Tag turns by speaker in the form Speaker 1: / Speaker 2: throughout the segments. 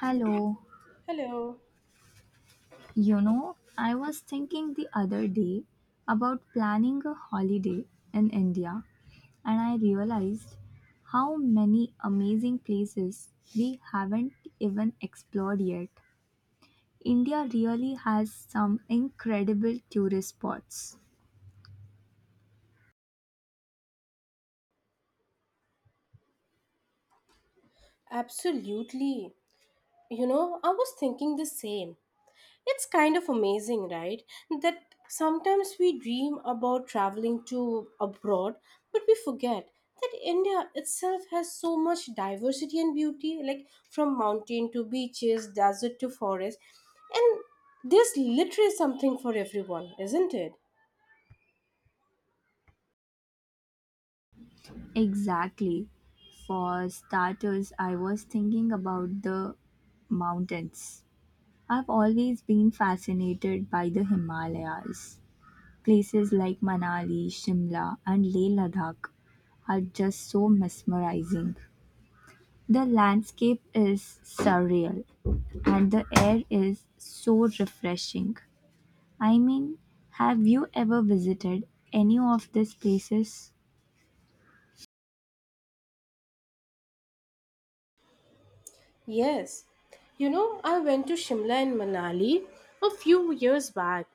Speaker 1: Hello.
Speaker 2: Hello.
Speaker 1: You know, I was thinking the other day about planning a holiday in India, and I realized how many amazing places we haven't even explored yet. India really has some incredible tourist spots.
Speaker 2: Absolutely. You know, I was thinking the same. It's kind of amazing, right? That sometimes we dream about traveling to abroad, but we forget that India itself has so much diversity and beauty, like from mountain to beaches, desert to forest. And there's literally something for everyone, isn't it?
Speaker 1: Exactly. For starters, I was thinking about the mountains. I've always been fascinated by the Himalayas. Places like Manali, Shimla, and Leh Ladakh are just so mesmerizing. The landscape is surreal and the air is so refreshing. I mean, have you ever visited any of these places?
Speaker 2: Yes. You know, I went to Shimla and Manali a few years back,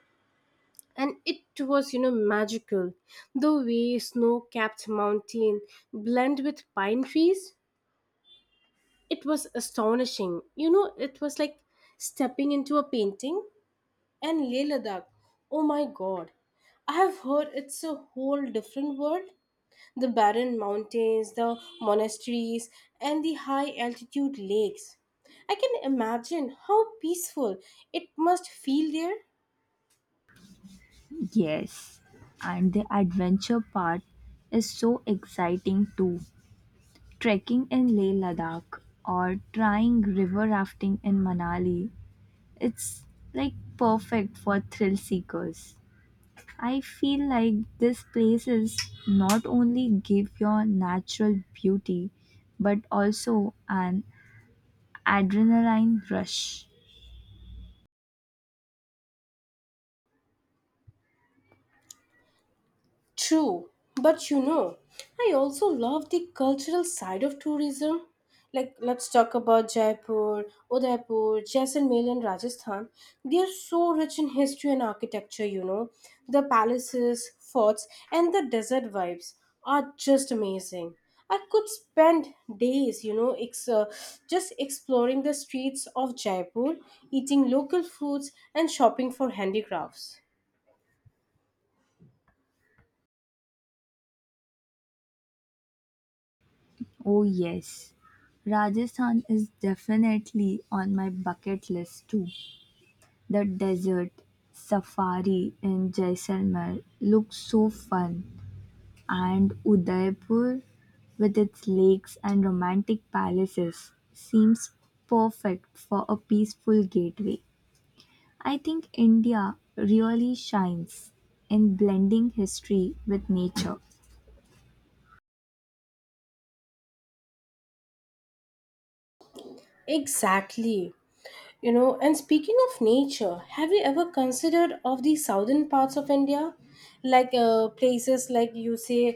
Speaker 2: and it was magical, the way snow-capped mountain blend with pine trees. It was astonishing, it was like stepping into a painting. And Leh Ladakh, oh my god, I have heard it's a whole different world. The barren mountains, the monasteries, and the high altitude lakes. I can imagine how peaceful it must feel there.
Speaker 1: Yes, and the adventure part is so exciting too. Trekking in Leh Ladakh or trying river rafting in Manali, it's like perfect for thrill seekers. I feel like these places not only give your natural beauty but also an adrenaline rush.
Speaker 2: True, but you know, I also love the cultural side of tourism. Like, let's talk about Jaipur, Udaipur, Jaisalmer, and Rajasthan. They are so rich in history and architecture, you know. The palaces, forts, and the desert vibes are just amazing. I could spend days, you know, just exploring the streets of Jaipur, eating local foods, and shopping for handicrafts.
Speaker 1: Oh, yes. Rajasthan is definitely on my bucket list too. The desert safari in Jaisalmer looks so fun. And Udaipur, with its lakes and romantic palaces, seems perfect for a peaceful gateway. I think India really shines in blending history with nature.
Speaker 2: Exactly. You know, and speaking of nature, have you ever considered of the southern parts of India, like places like you say,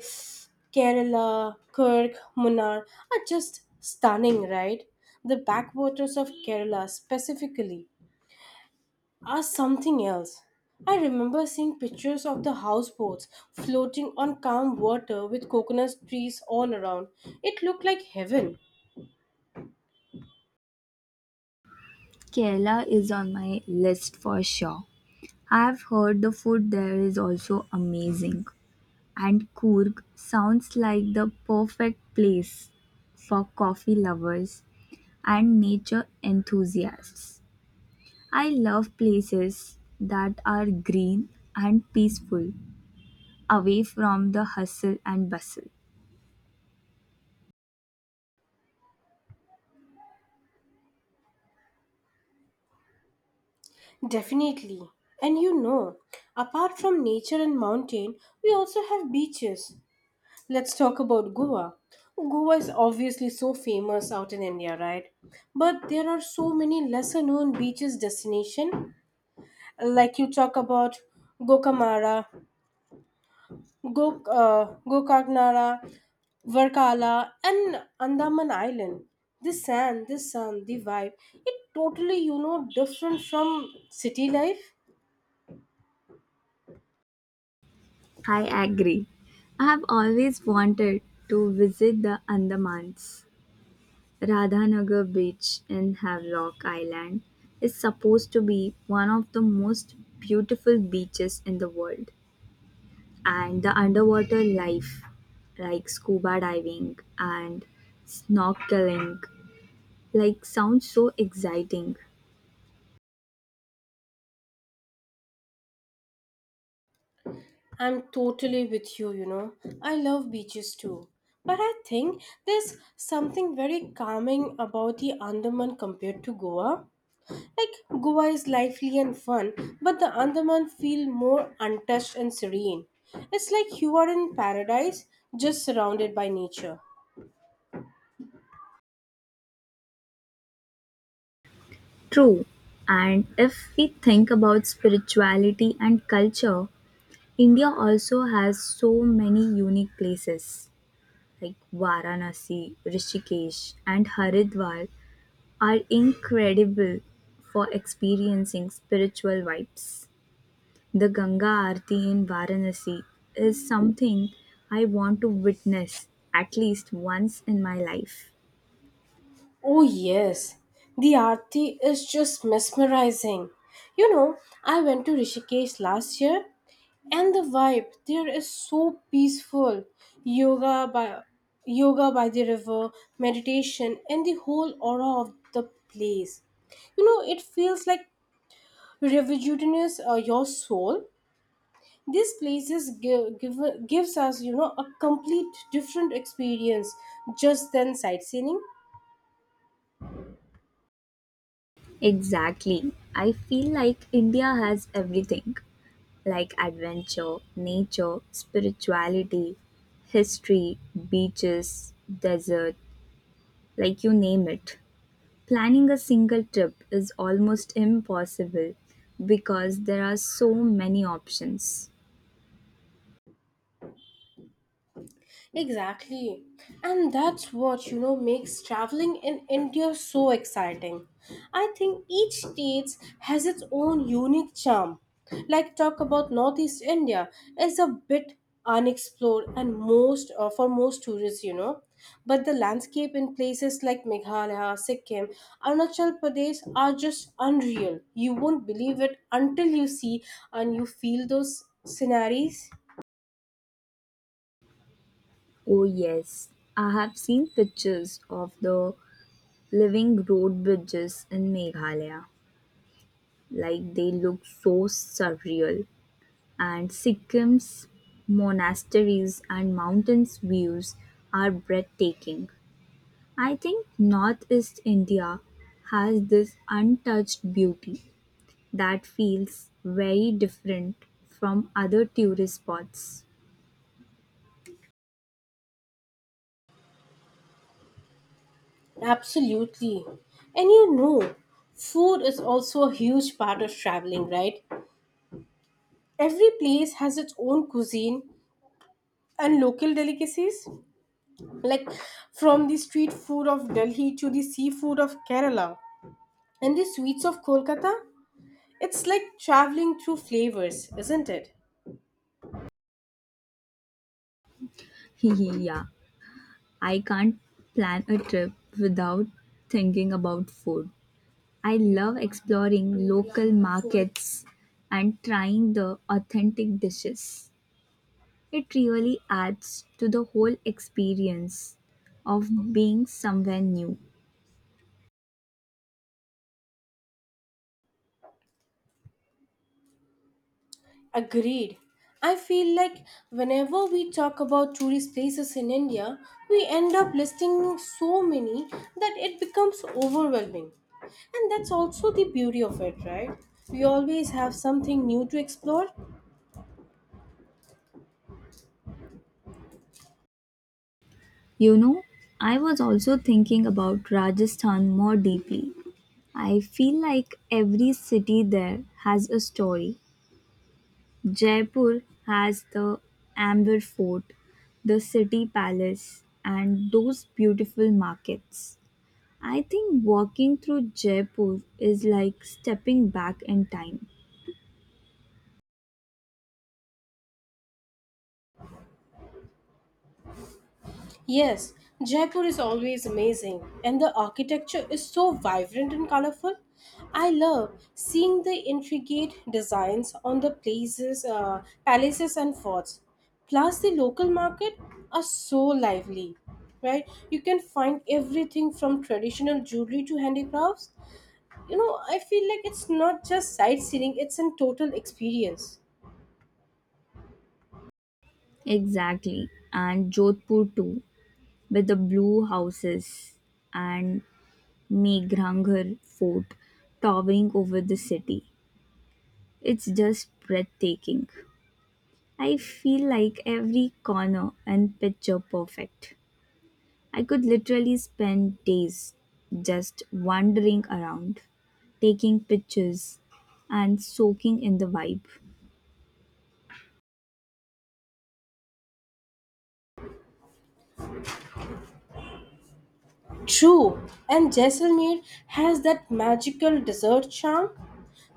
Speaker 2: Kerala, Kirk, Munnar are just stunning, right? The backwaters of Kerala specifically are something else. I remember seeing pictures of the houseboats floating on calm water with coconut trees all around. It looked like heaven.
Speaker 1: Kerala is on my list for sure. I've heard the food there is also amazing. And Coorg sounds like the perfect place for coffee lovers and nature enthusiasts. I love places that are green and peaceful, away from the hustle and bustle.
Speaker 2: Definitely. And you know, apart from nature and mountain, we also have beaches. Let's talk about Goa. Goa is obviously so famous out in India, right? But there are so many lesser known beaches destination, like you talk about Gokamara, Gokarnara, Varkala and Andaman Island. The sand, the sun, the vibe, it totally, you know, different from city life.
Speaker 1: I agree. I have always wanted to visit the Andamans. Radhanagar Beach in Havelock Island is supposed to be one of the most beautiful beaches in the world. And the underwater life, like scuba diving and snorkeling, like sounds so exciting.
Speaker 2: I'm totally with you, you know. I love beaches too. But I think there's something very calming about the Andaman compared to Goa. Like Goa is lively and fun, but the Andaman feel more untouched and serene. It's like you are in paradise, just surrounded by nature.
Speaker 1: True, and if we think about spirituality and culture, India also has so many unique places like Varanasi, Rishikesh, and Haridwar are incredible for experiencing spiritual vibes. The Ganga Aarti in Varanasi is something I want to witness at least once in my life.
Speaker 2: Oh, yes. The Aarti is just mesmerizing. You know, I went to Rishikesh last year and the vibe there is so peaceful. yoga by Yoga by the river, meditation, and the whole aura of the place, you know, it feels like rejuvenates your soul. These places gives us, you know, a complete different experience just than sightseeing.
Speaker 1: Exactly. I feel like India has everything like adventure, nature, spirituality, history, beaches, desert, like you name it. Planning a single trip is almost impossible because there are so many options.
Speaker 2: Exactly. And that's what, you know, makes traveling in India so exciting. I think each state has its own unique charm. Like talk about Northeast India is a bit unexplored and most for most tourists, you know. But the landscape in places like Meghalaya, Sikkim, Arunachal Pradesh are just unreal. You won't believe it until you see and you feel those sceneries.
Speaker 1: Oh, yes, I have seen pictures of the living road bridges in Meghalaya. Like they look so surreal. And Sikkim's monasteries and mountains views are breathtaking. I think Northeast India has this untouched beauty that feels very different from other tourist spots.
Speaker 2: Absolutely. And you know, food is also a huge part of traveling, right? Every place has its own cuisine and local delicacies, like from the street food of Delhi to the seafood of Kerala and the sweets of Kolkata. It's like traveling through flavors, isn't it?
Speaker 1: Yeah, I can't plan a trip without thinking about food. I love exploring local markets and trying the authentic dishes. It really adds to the whole experience of being somewhere new.
Speaker 2: Agreed. I feel like whenever we talk about tourist places in India, we end up listing so many that it becomes overwhelming. And that's also the beauty of it, right? We always have something new to explore.
Speaker 1: You know, I was also thinking about Rajasthan more deeply. I feel like every city there has a story. Jaipur has the Amber Fort, the city palace, and those beautiful markets. I think walking through Jaipur is like stepping back in time.
Speaker 2: Yes, Jaipur is always amazing, and the architecture is so vibrant and colorful. I love seeing the intricate designs on the palaces, and forts. Plus, the local market are so lively, right? You can find everything from traditional jewelry to handicrafts. You know, I feel like it's not just sightseeing; it's a total experience.
Speaker 1: Exactly, and Jodhpur too, with the blue houses and Meghranggar fort towering over the city. It's just breathtaking. I feel like every corner and picture perfect. I could literally spend days just wandering around, taking pictures and soaking in the vibe.
Speaker 2: True, and Jaisalmer has that magical desert charm.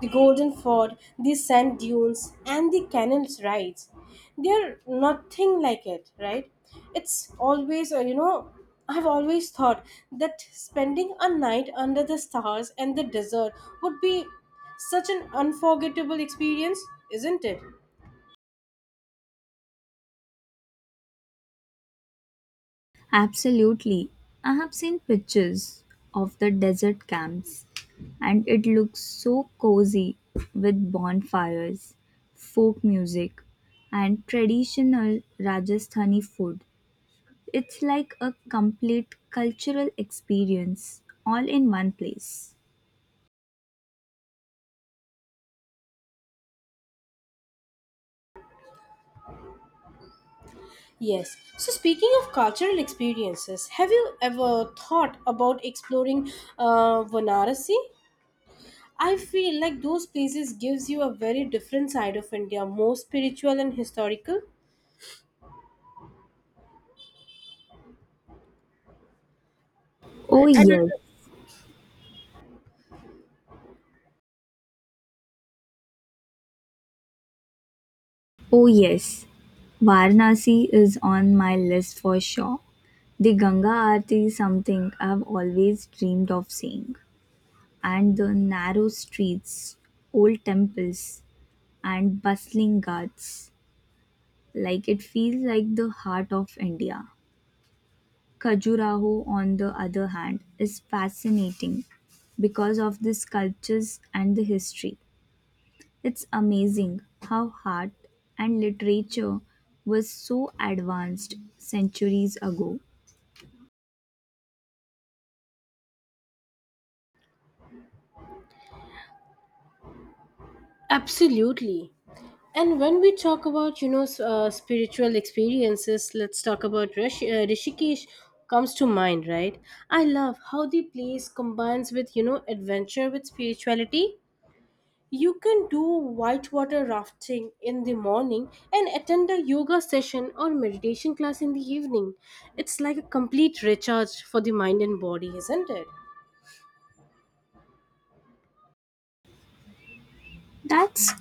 Speaker 2: The Golden Ford, the sand dunes, and the canal rides. They're nothing like it, right? It's always, you know, I've always thought that spending a night under the stars and the desert would be such an unforgettable experience, isn't it?
Speaker 1: Absolutely. I have seen pictures of the desert camps and it looks so cozy with bonfires, folk music, and traditional Rajasthani food. It's like a complete cultural experience all in one place.
Speaker 2: Yes. So, speaking of cultural experiences, have you ever thought about exploring Varanasi? I feel like those places gives you a very different side of India, more spiritual and historical.
Speaker 1: Oh,
Speaker 2: And
Speaker 1: yes. Oh, yes. Varanasi is on my list for sure. The Ganga Aarti is something I've always dreamed of seeing, and the narrow streets, old temples, and bustling ghats. Like it feels like the heart of India. Khajuraho, on the other hand, is fascinating because of the sculptures and the history. It's amazing how art and literature was so advanced centuries ago.
Speaker 2: absolutely. And when we talk about, you know, spiritual experiences, let's talk about Rishikesh comes to mind, right? I love how the place combines with, you know, adventure with spirituality. You can do whitewater rafting in the morning and attend a yoga session or meditation class in the evening. It's like a complete recharge for the mind and body, isn't it?
Speaker 1: That's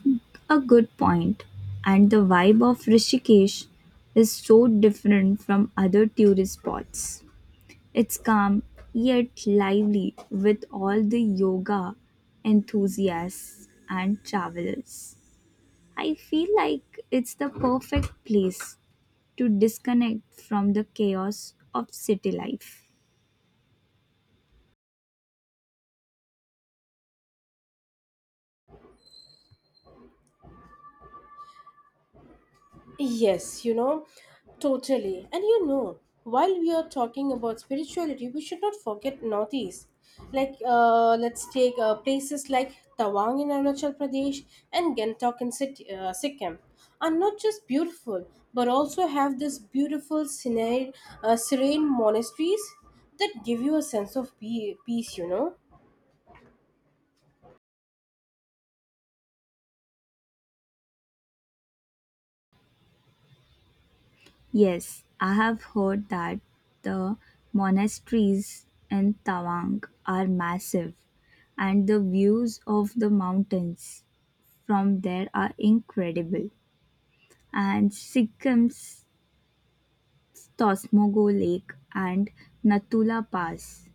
Speaker 1: a good point. And the vibe of Rishikesh is so different from other tourist spots. It's calm yet lively with all the yoga enthusiasts and travelers. I feel like it's the perfect place to disconnect from the chaos of city life.
Speaker 2: Yes, you know, totally. And you know, while we are talking about spirituality, we should not forget Northeast. Like, let's take places like Tawang in Arunachal Pradesh and Gangtok in Sikkim are not just beautiful, but also have this beautiful serene monasteries that give you a sense of peace, you know.
Speaker 1: Yes, I have heard that the monasteries in Tawang are massive and the views of the mountains from there are incredible. And Sikkim's Tosmogo Lake and Natula Pass,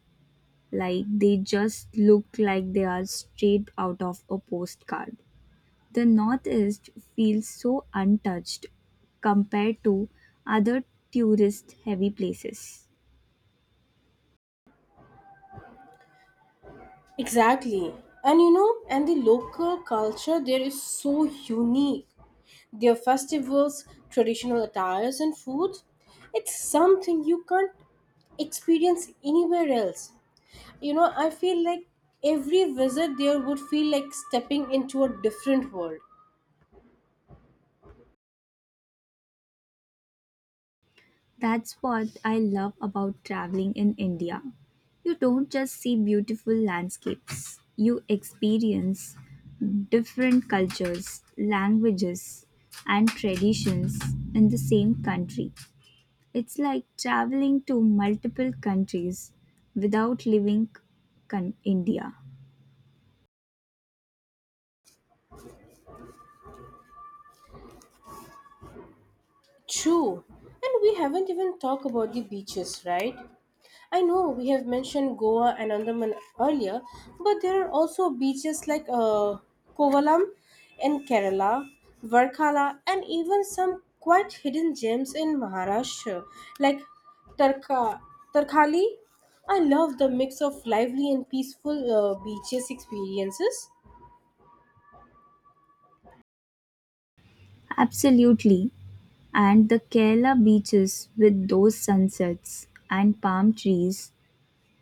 Speaker 1: like they just look like they are straight out of a postcard. The Northeast feels so untouched compared to other tourist heavy places.
Speaker 2: Exactly. And you know, and the local culture there is so unique. Their festivals, traditional attires, and food, it's something you can't experience anywhere else. You know, I feel like every visit there would feel like stepping into a different world.
Speaker 1: That's what I love about traveling in India. You don't just see beautiful landscapes, you experience different cultures, languages, and traditions in the same country. It's like traveling to multiple countries without leaving India.
Speaker 2: True. And we haven't even talked about the beaches, right? I know we have mentioned Goa and Andaman earlier, but there are also beaches like Kovalam in Kerala, Varkala, and even some quite hidden gems in Maharashtra, like Tarka, Tarkali. I love the mix of lively and peaceful beaches experiences.
Speaker 1: Absolutely. And the Kerala beaches with those sunsets and palm trees,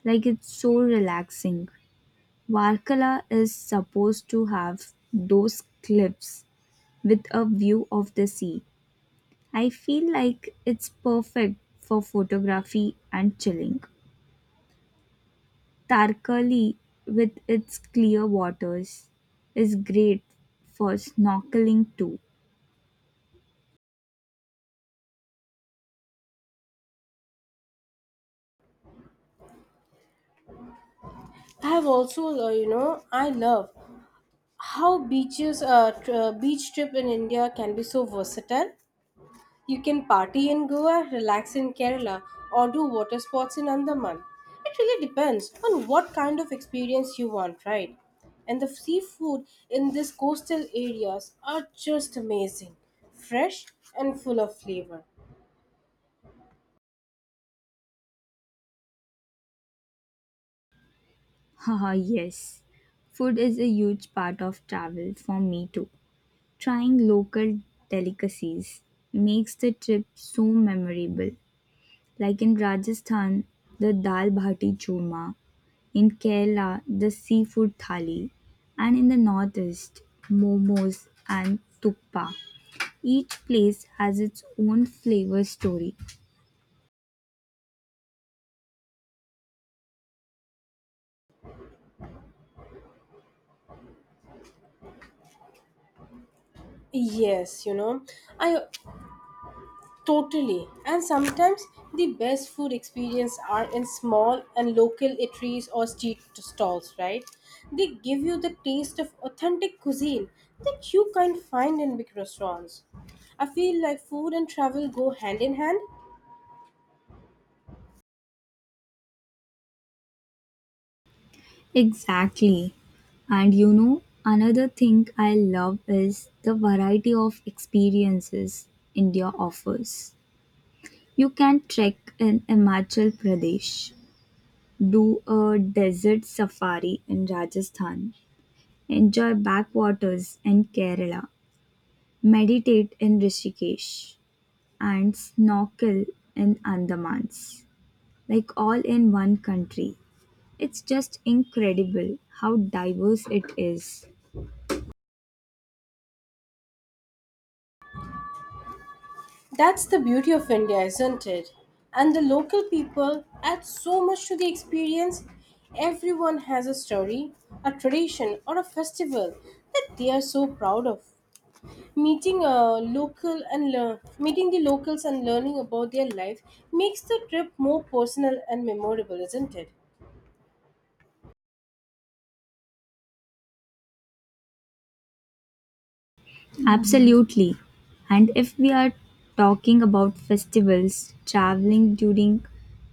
Speaker 1: like it's so relaxing. Varkala is supposed to have those cliffs with a view of the sea. I feel like it's perfect for photography and chilling. Tarkali, with its clear waters, is great for snorkeling too.
Speaker 2: I have also, you know, I love how beach trip in India can be so versatile. You can party in Goa, relax in Kerala, or do water sports in Andaman. It really depends on what kind of experience you want, right? And the seafood in these coastal areas are just amazing, fresh, and full of flavor.
Speaker 1: Haha, yes. Food is a huge part of travel for me too. Trying local delicacies makes the trip so memorable, like in Rajasthan, the dal bhati churma, in Kerala, the seafood thali, and in the northeast, momos and thukpa. Each place has its own flavor story.
Speaker 2: Yes you know I Totally. And sometimes the best food experience are in small and local eateries or street stalls, right? They give you the taste of authentic cuisine that you can't find in big restaurants. I feel like food and travel go hand in hand.
Speaker 1: Exactly. And you know, another thing I love is the variety of experiences India offers. You can trek in Himachal Pradesh, do a desert safari in Rajasthan, enjoy backwaters in Kerala, meditate in Rishikesh, and snorkel in Andamans, like all in one country. It's just incredible how diverse it is.
Speaker 2: That's the beauty of India, isn't it? And the local people add so much to the experience. Everyone has a story, a tradition, or a festival that they are so proud of. Meeting the locals and learning about their life makes the trip more personal and memorable, isn't it?
Speaker 1: Absolutely. And if we are talking about festivals, traveling during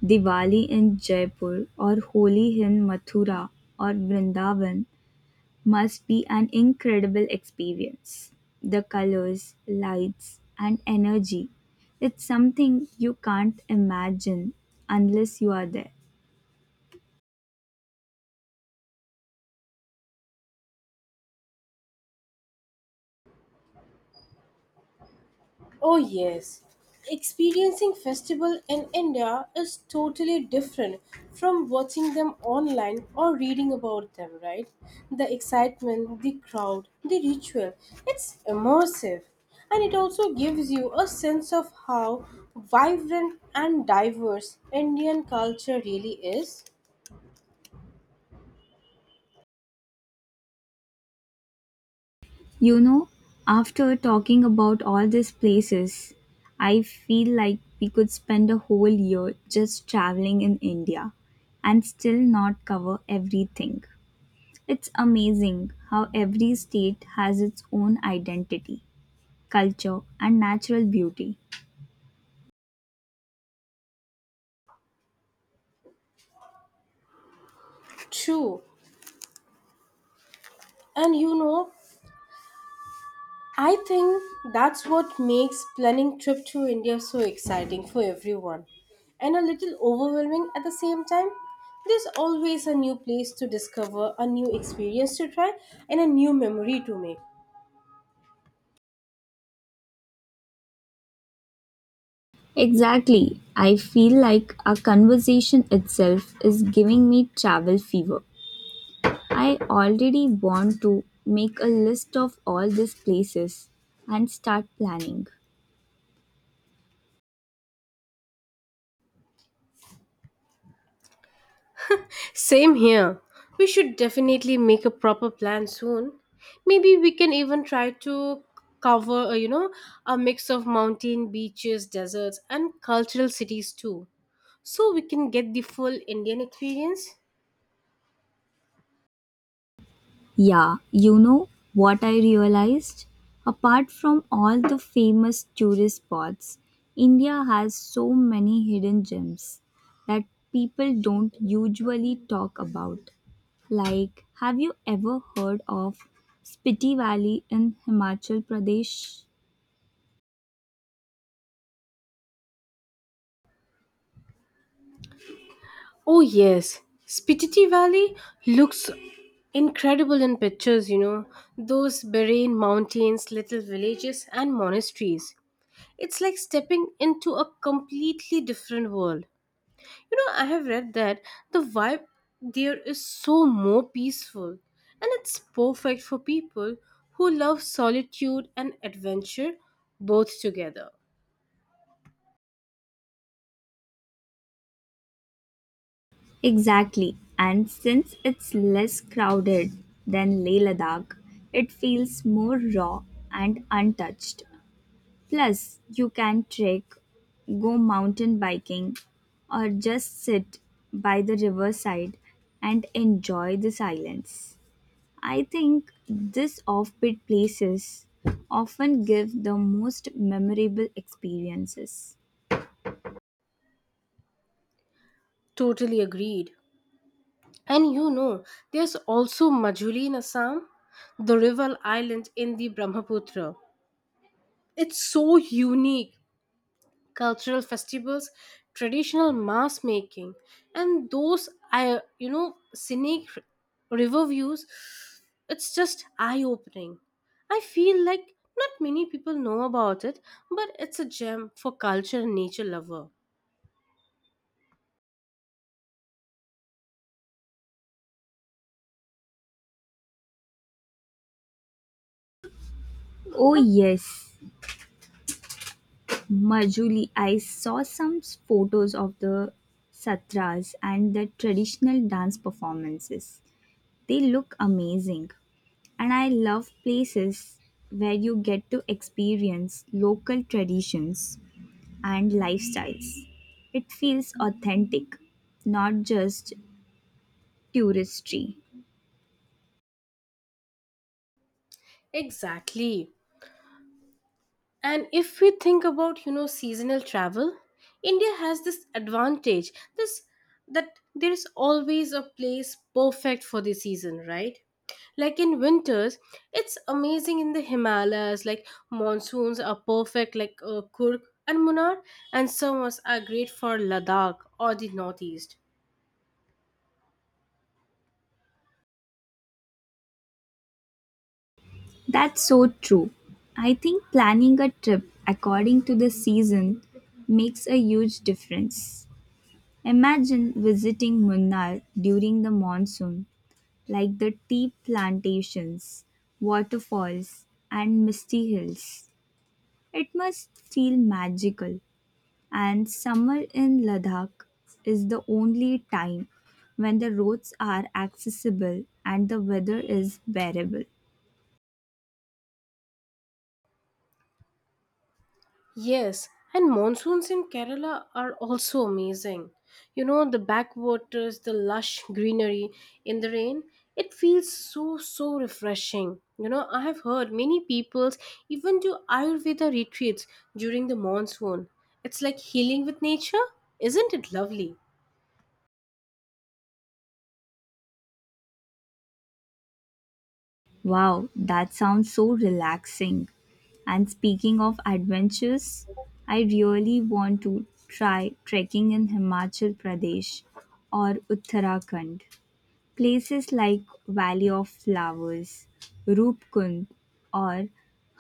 Speaker 1: Diwali in Jaipur or Holi in Mathura or Vrindavan must be an incredible experience. The colors, lights, and energy. It's something you can't imagine unless you are there.
Speaker 2: Oh yes. Experiencing festival in India is totally different from watching them online or reading about them, right? The excitement, the crowd, the ritual, it's immersive. And it also gives you a sense of how vibrant and diverse Indian culture really is.
Speaker 1: You know, after talking about all these places, I feel like we could spend a whole year just traveling in India and still not cover everything. It's amazing how every state has its own identity, culture, and natural beauty.
Speaker 2: True. And you know, I think that's what makes planning trip to India so exciting for everyone and a little overwhelming at the same time. There's always a new place to discover, a new experience to try, and a new memory to make.
Speaker 1: Exactly. I feel like our conversation itself is giving me travel fever. I already want to make a list of all these places and start planning.
Speaker 2: Same here. We should definitely make a proper plan soon. Maybe we can even try to cover, you know, a mix of mountain, beaches, deserts, and cultural cities too. So we can get the full Indian experience.
Speaker 1: Yeah, you know what I realized? Apart from all the famous tourist spots, India has so many hidden gems that people don't usually talk about. Like, have you ever heard of Spiti Valley in Himachal Pradesh?
Speaker 2: Oh yes, Spititi Valley looks incredible in pictures, you know. Those barren mountains, little villages and monasteries. It's like stepping into a completely different world. You know, I have read that the vibe there is so more peaceful and it's perfect for people who love solitude and adventure both together.
Speaker 1: Exactly, and since it's less crowded than Leh Ladakh, it feels more raw and untouched. Plus, you can trek, go mountain biking, or just sit by the riverside and enjoy the silence. I think these offbeat places often give the most memorable experiences.
Speaker 2: Totally agreed. And you know, there's also Majuli in Assam, the rival island in the Brahmaputra. It's so unique. Cultural festivals, traditional mass making, and those I you know scenic river views. It's just eye opening. I feel like not many people know about it, but it's a gem for culture and nature lover.
Speaker 1: Oh yes, Majuli. I saw some photos of the satras and the traditional dance performances. They look amazing. And I love places where you get to experience local traditions and lifestyles. It feels authentic, not just touristy.
Speaker 2: Exactly. And if we think about, you know, seasonal travel, India has this advantage, this that there is always a place perfect for the season, right? Like in winters, it's amazing in the Himalayas, like monsoons are perfect like Kurg and Munnar, and summers are great for Ladakh or the northeast.
Speaker 1: That's so true. I think planning a trip according to the season makes a huge difference. Imagine visiting Munnar during the monsoon, like the tea plantations, waterfalls, and misty hills. It must feel magical, and summer in Ladakh is the only time when the roads are accessible and the weather is bearable.
Speaker 2: Yes, and monsoons in Kerala are also amazing. You know, the backwaters, the lush greenery in the rain, it feels so refreshing. You know, I have heard many peoples even do Ayurveda retreats during the monsoon. It's like healing with nature. Isn't it lovely?
Speaker 1: Wow, that sounds so relaxing. And speaking of adventures, I really want to try trekking in Himachal Pradesh or Uttarakhand. Places like Valley of Flowers, Roopkund, or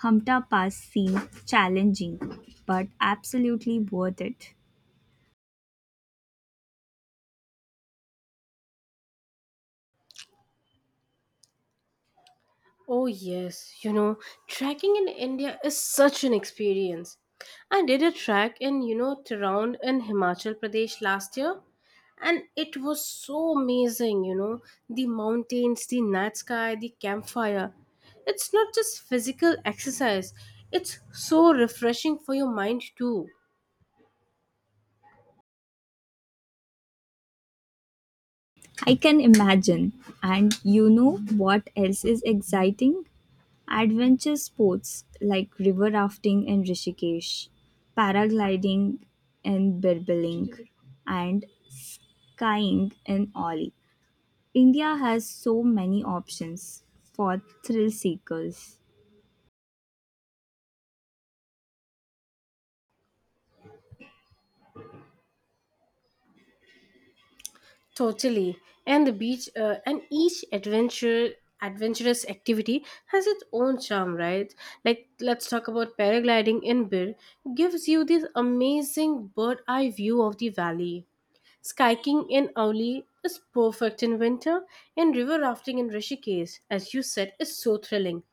Speaker 1: Hamta Pass seem challenging, but absolutely worth it.
Speaker 2: Oh, yes, you know, trekking in India is such an experience. I did a trek in, you know, Tehran in Himachal Pradesh last year, and it was so amazing, you know, the mountains, the night sky, the campfire. It's not just physical exercise, it's so refreshing for your mind, too.
Speaker 1: I can imagine. And you know what else is exciting? Adventure sports like river rafting in Rishikesh, paragliding in Birbiling, and kayaking in Oli. India has so many options for thrill seekers.
Speaker 2: Totally. And the beach and each adventure adventurous activity has its own charm, right? Like let's talk about paragliding in Bir gives you this amazing bird eye view of the valley. Skiing in Auli is perfect in winter and river rafting in Rishikesh, as you said, is so thrilling.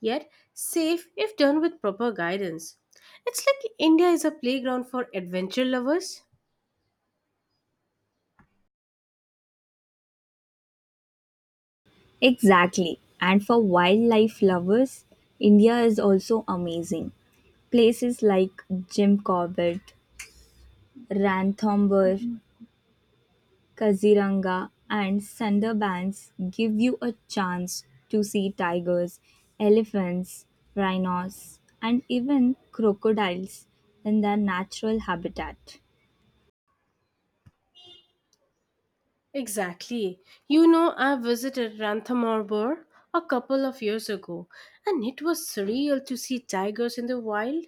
Speaker 2: Yet safe if done with proper guidance. It's like India is a playground for adventure lovers.
Speaker 1: Exactly. And for wildlife lovers, India is also amazing. Places like Jim Corbett, Ranthambore, Kaziranga, and Sundarbans give you a chance to see tigers, elephants, rhinos, and even crocodiles in their natural habitat.
Speaker 2: Exactly. You know, I visited Ranthambore a couple of years ago, and it was surreal to see tigers in the wild.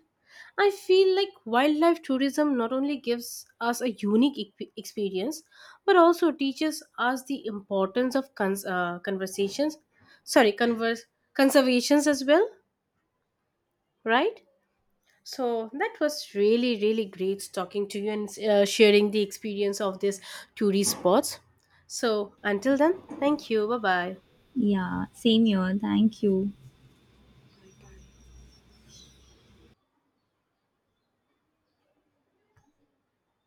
Speaker 2: I feel like wildlife tourism not only gives us a unique experience, but also teaches us the importance of conversations, sorry, converse conservations as well, right? So that was really, really great talking to you and sharing the experience of this tourist spots. So until then, thank you. Bye bye.
Speaker 1: Yeah, same here. Thank you.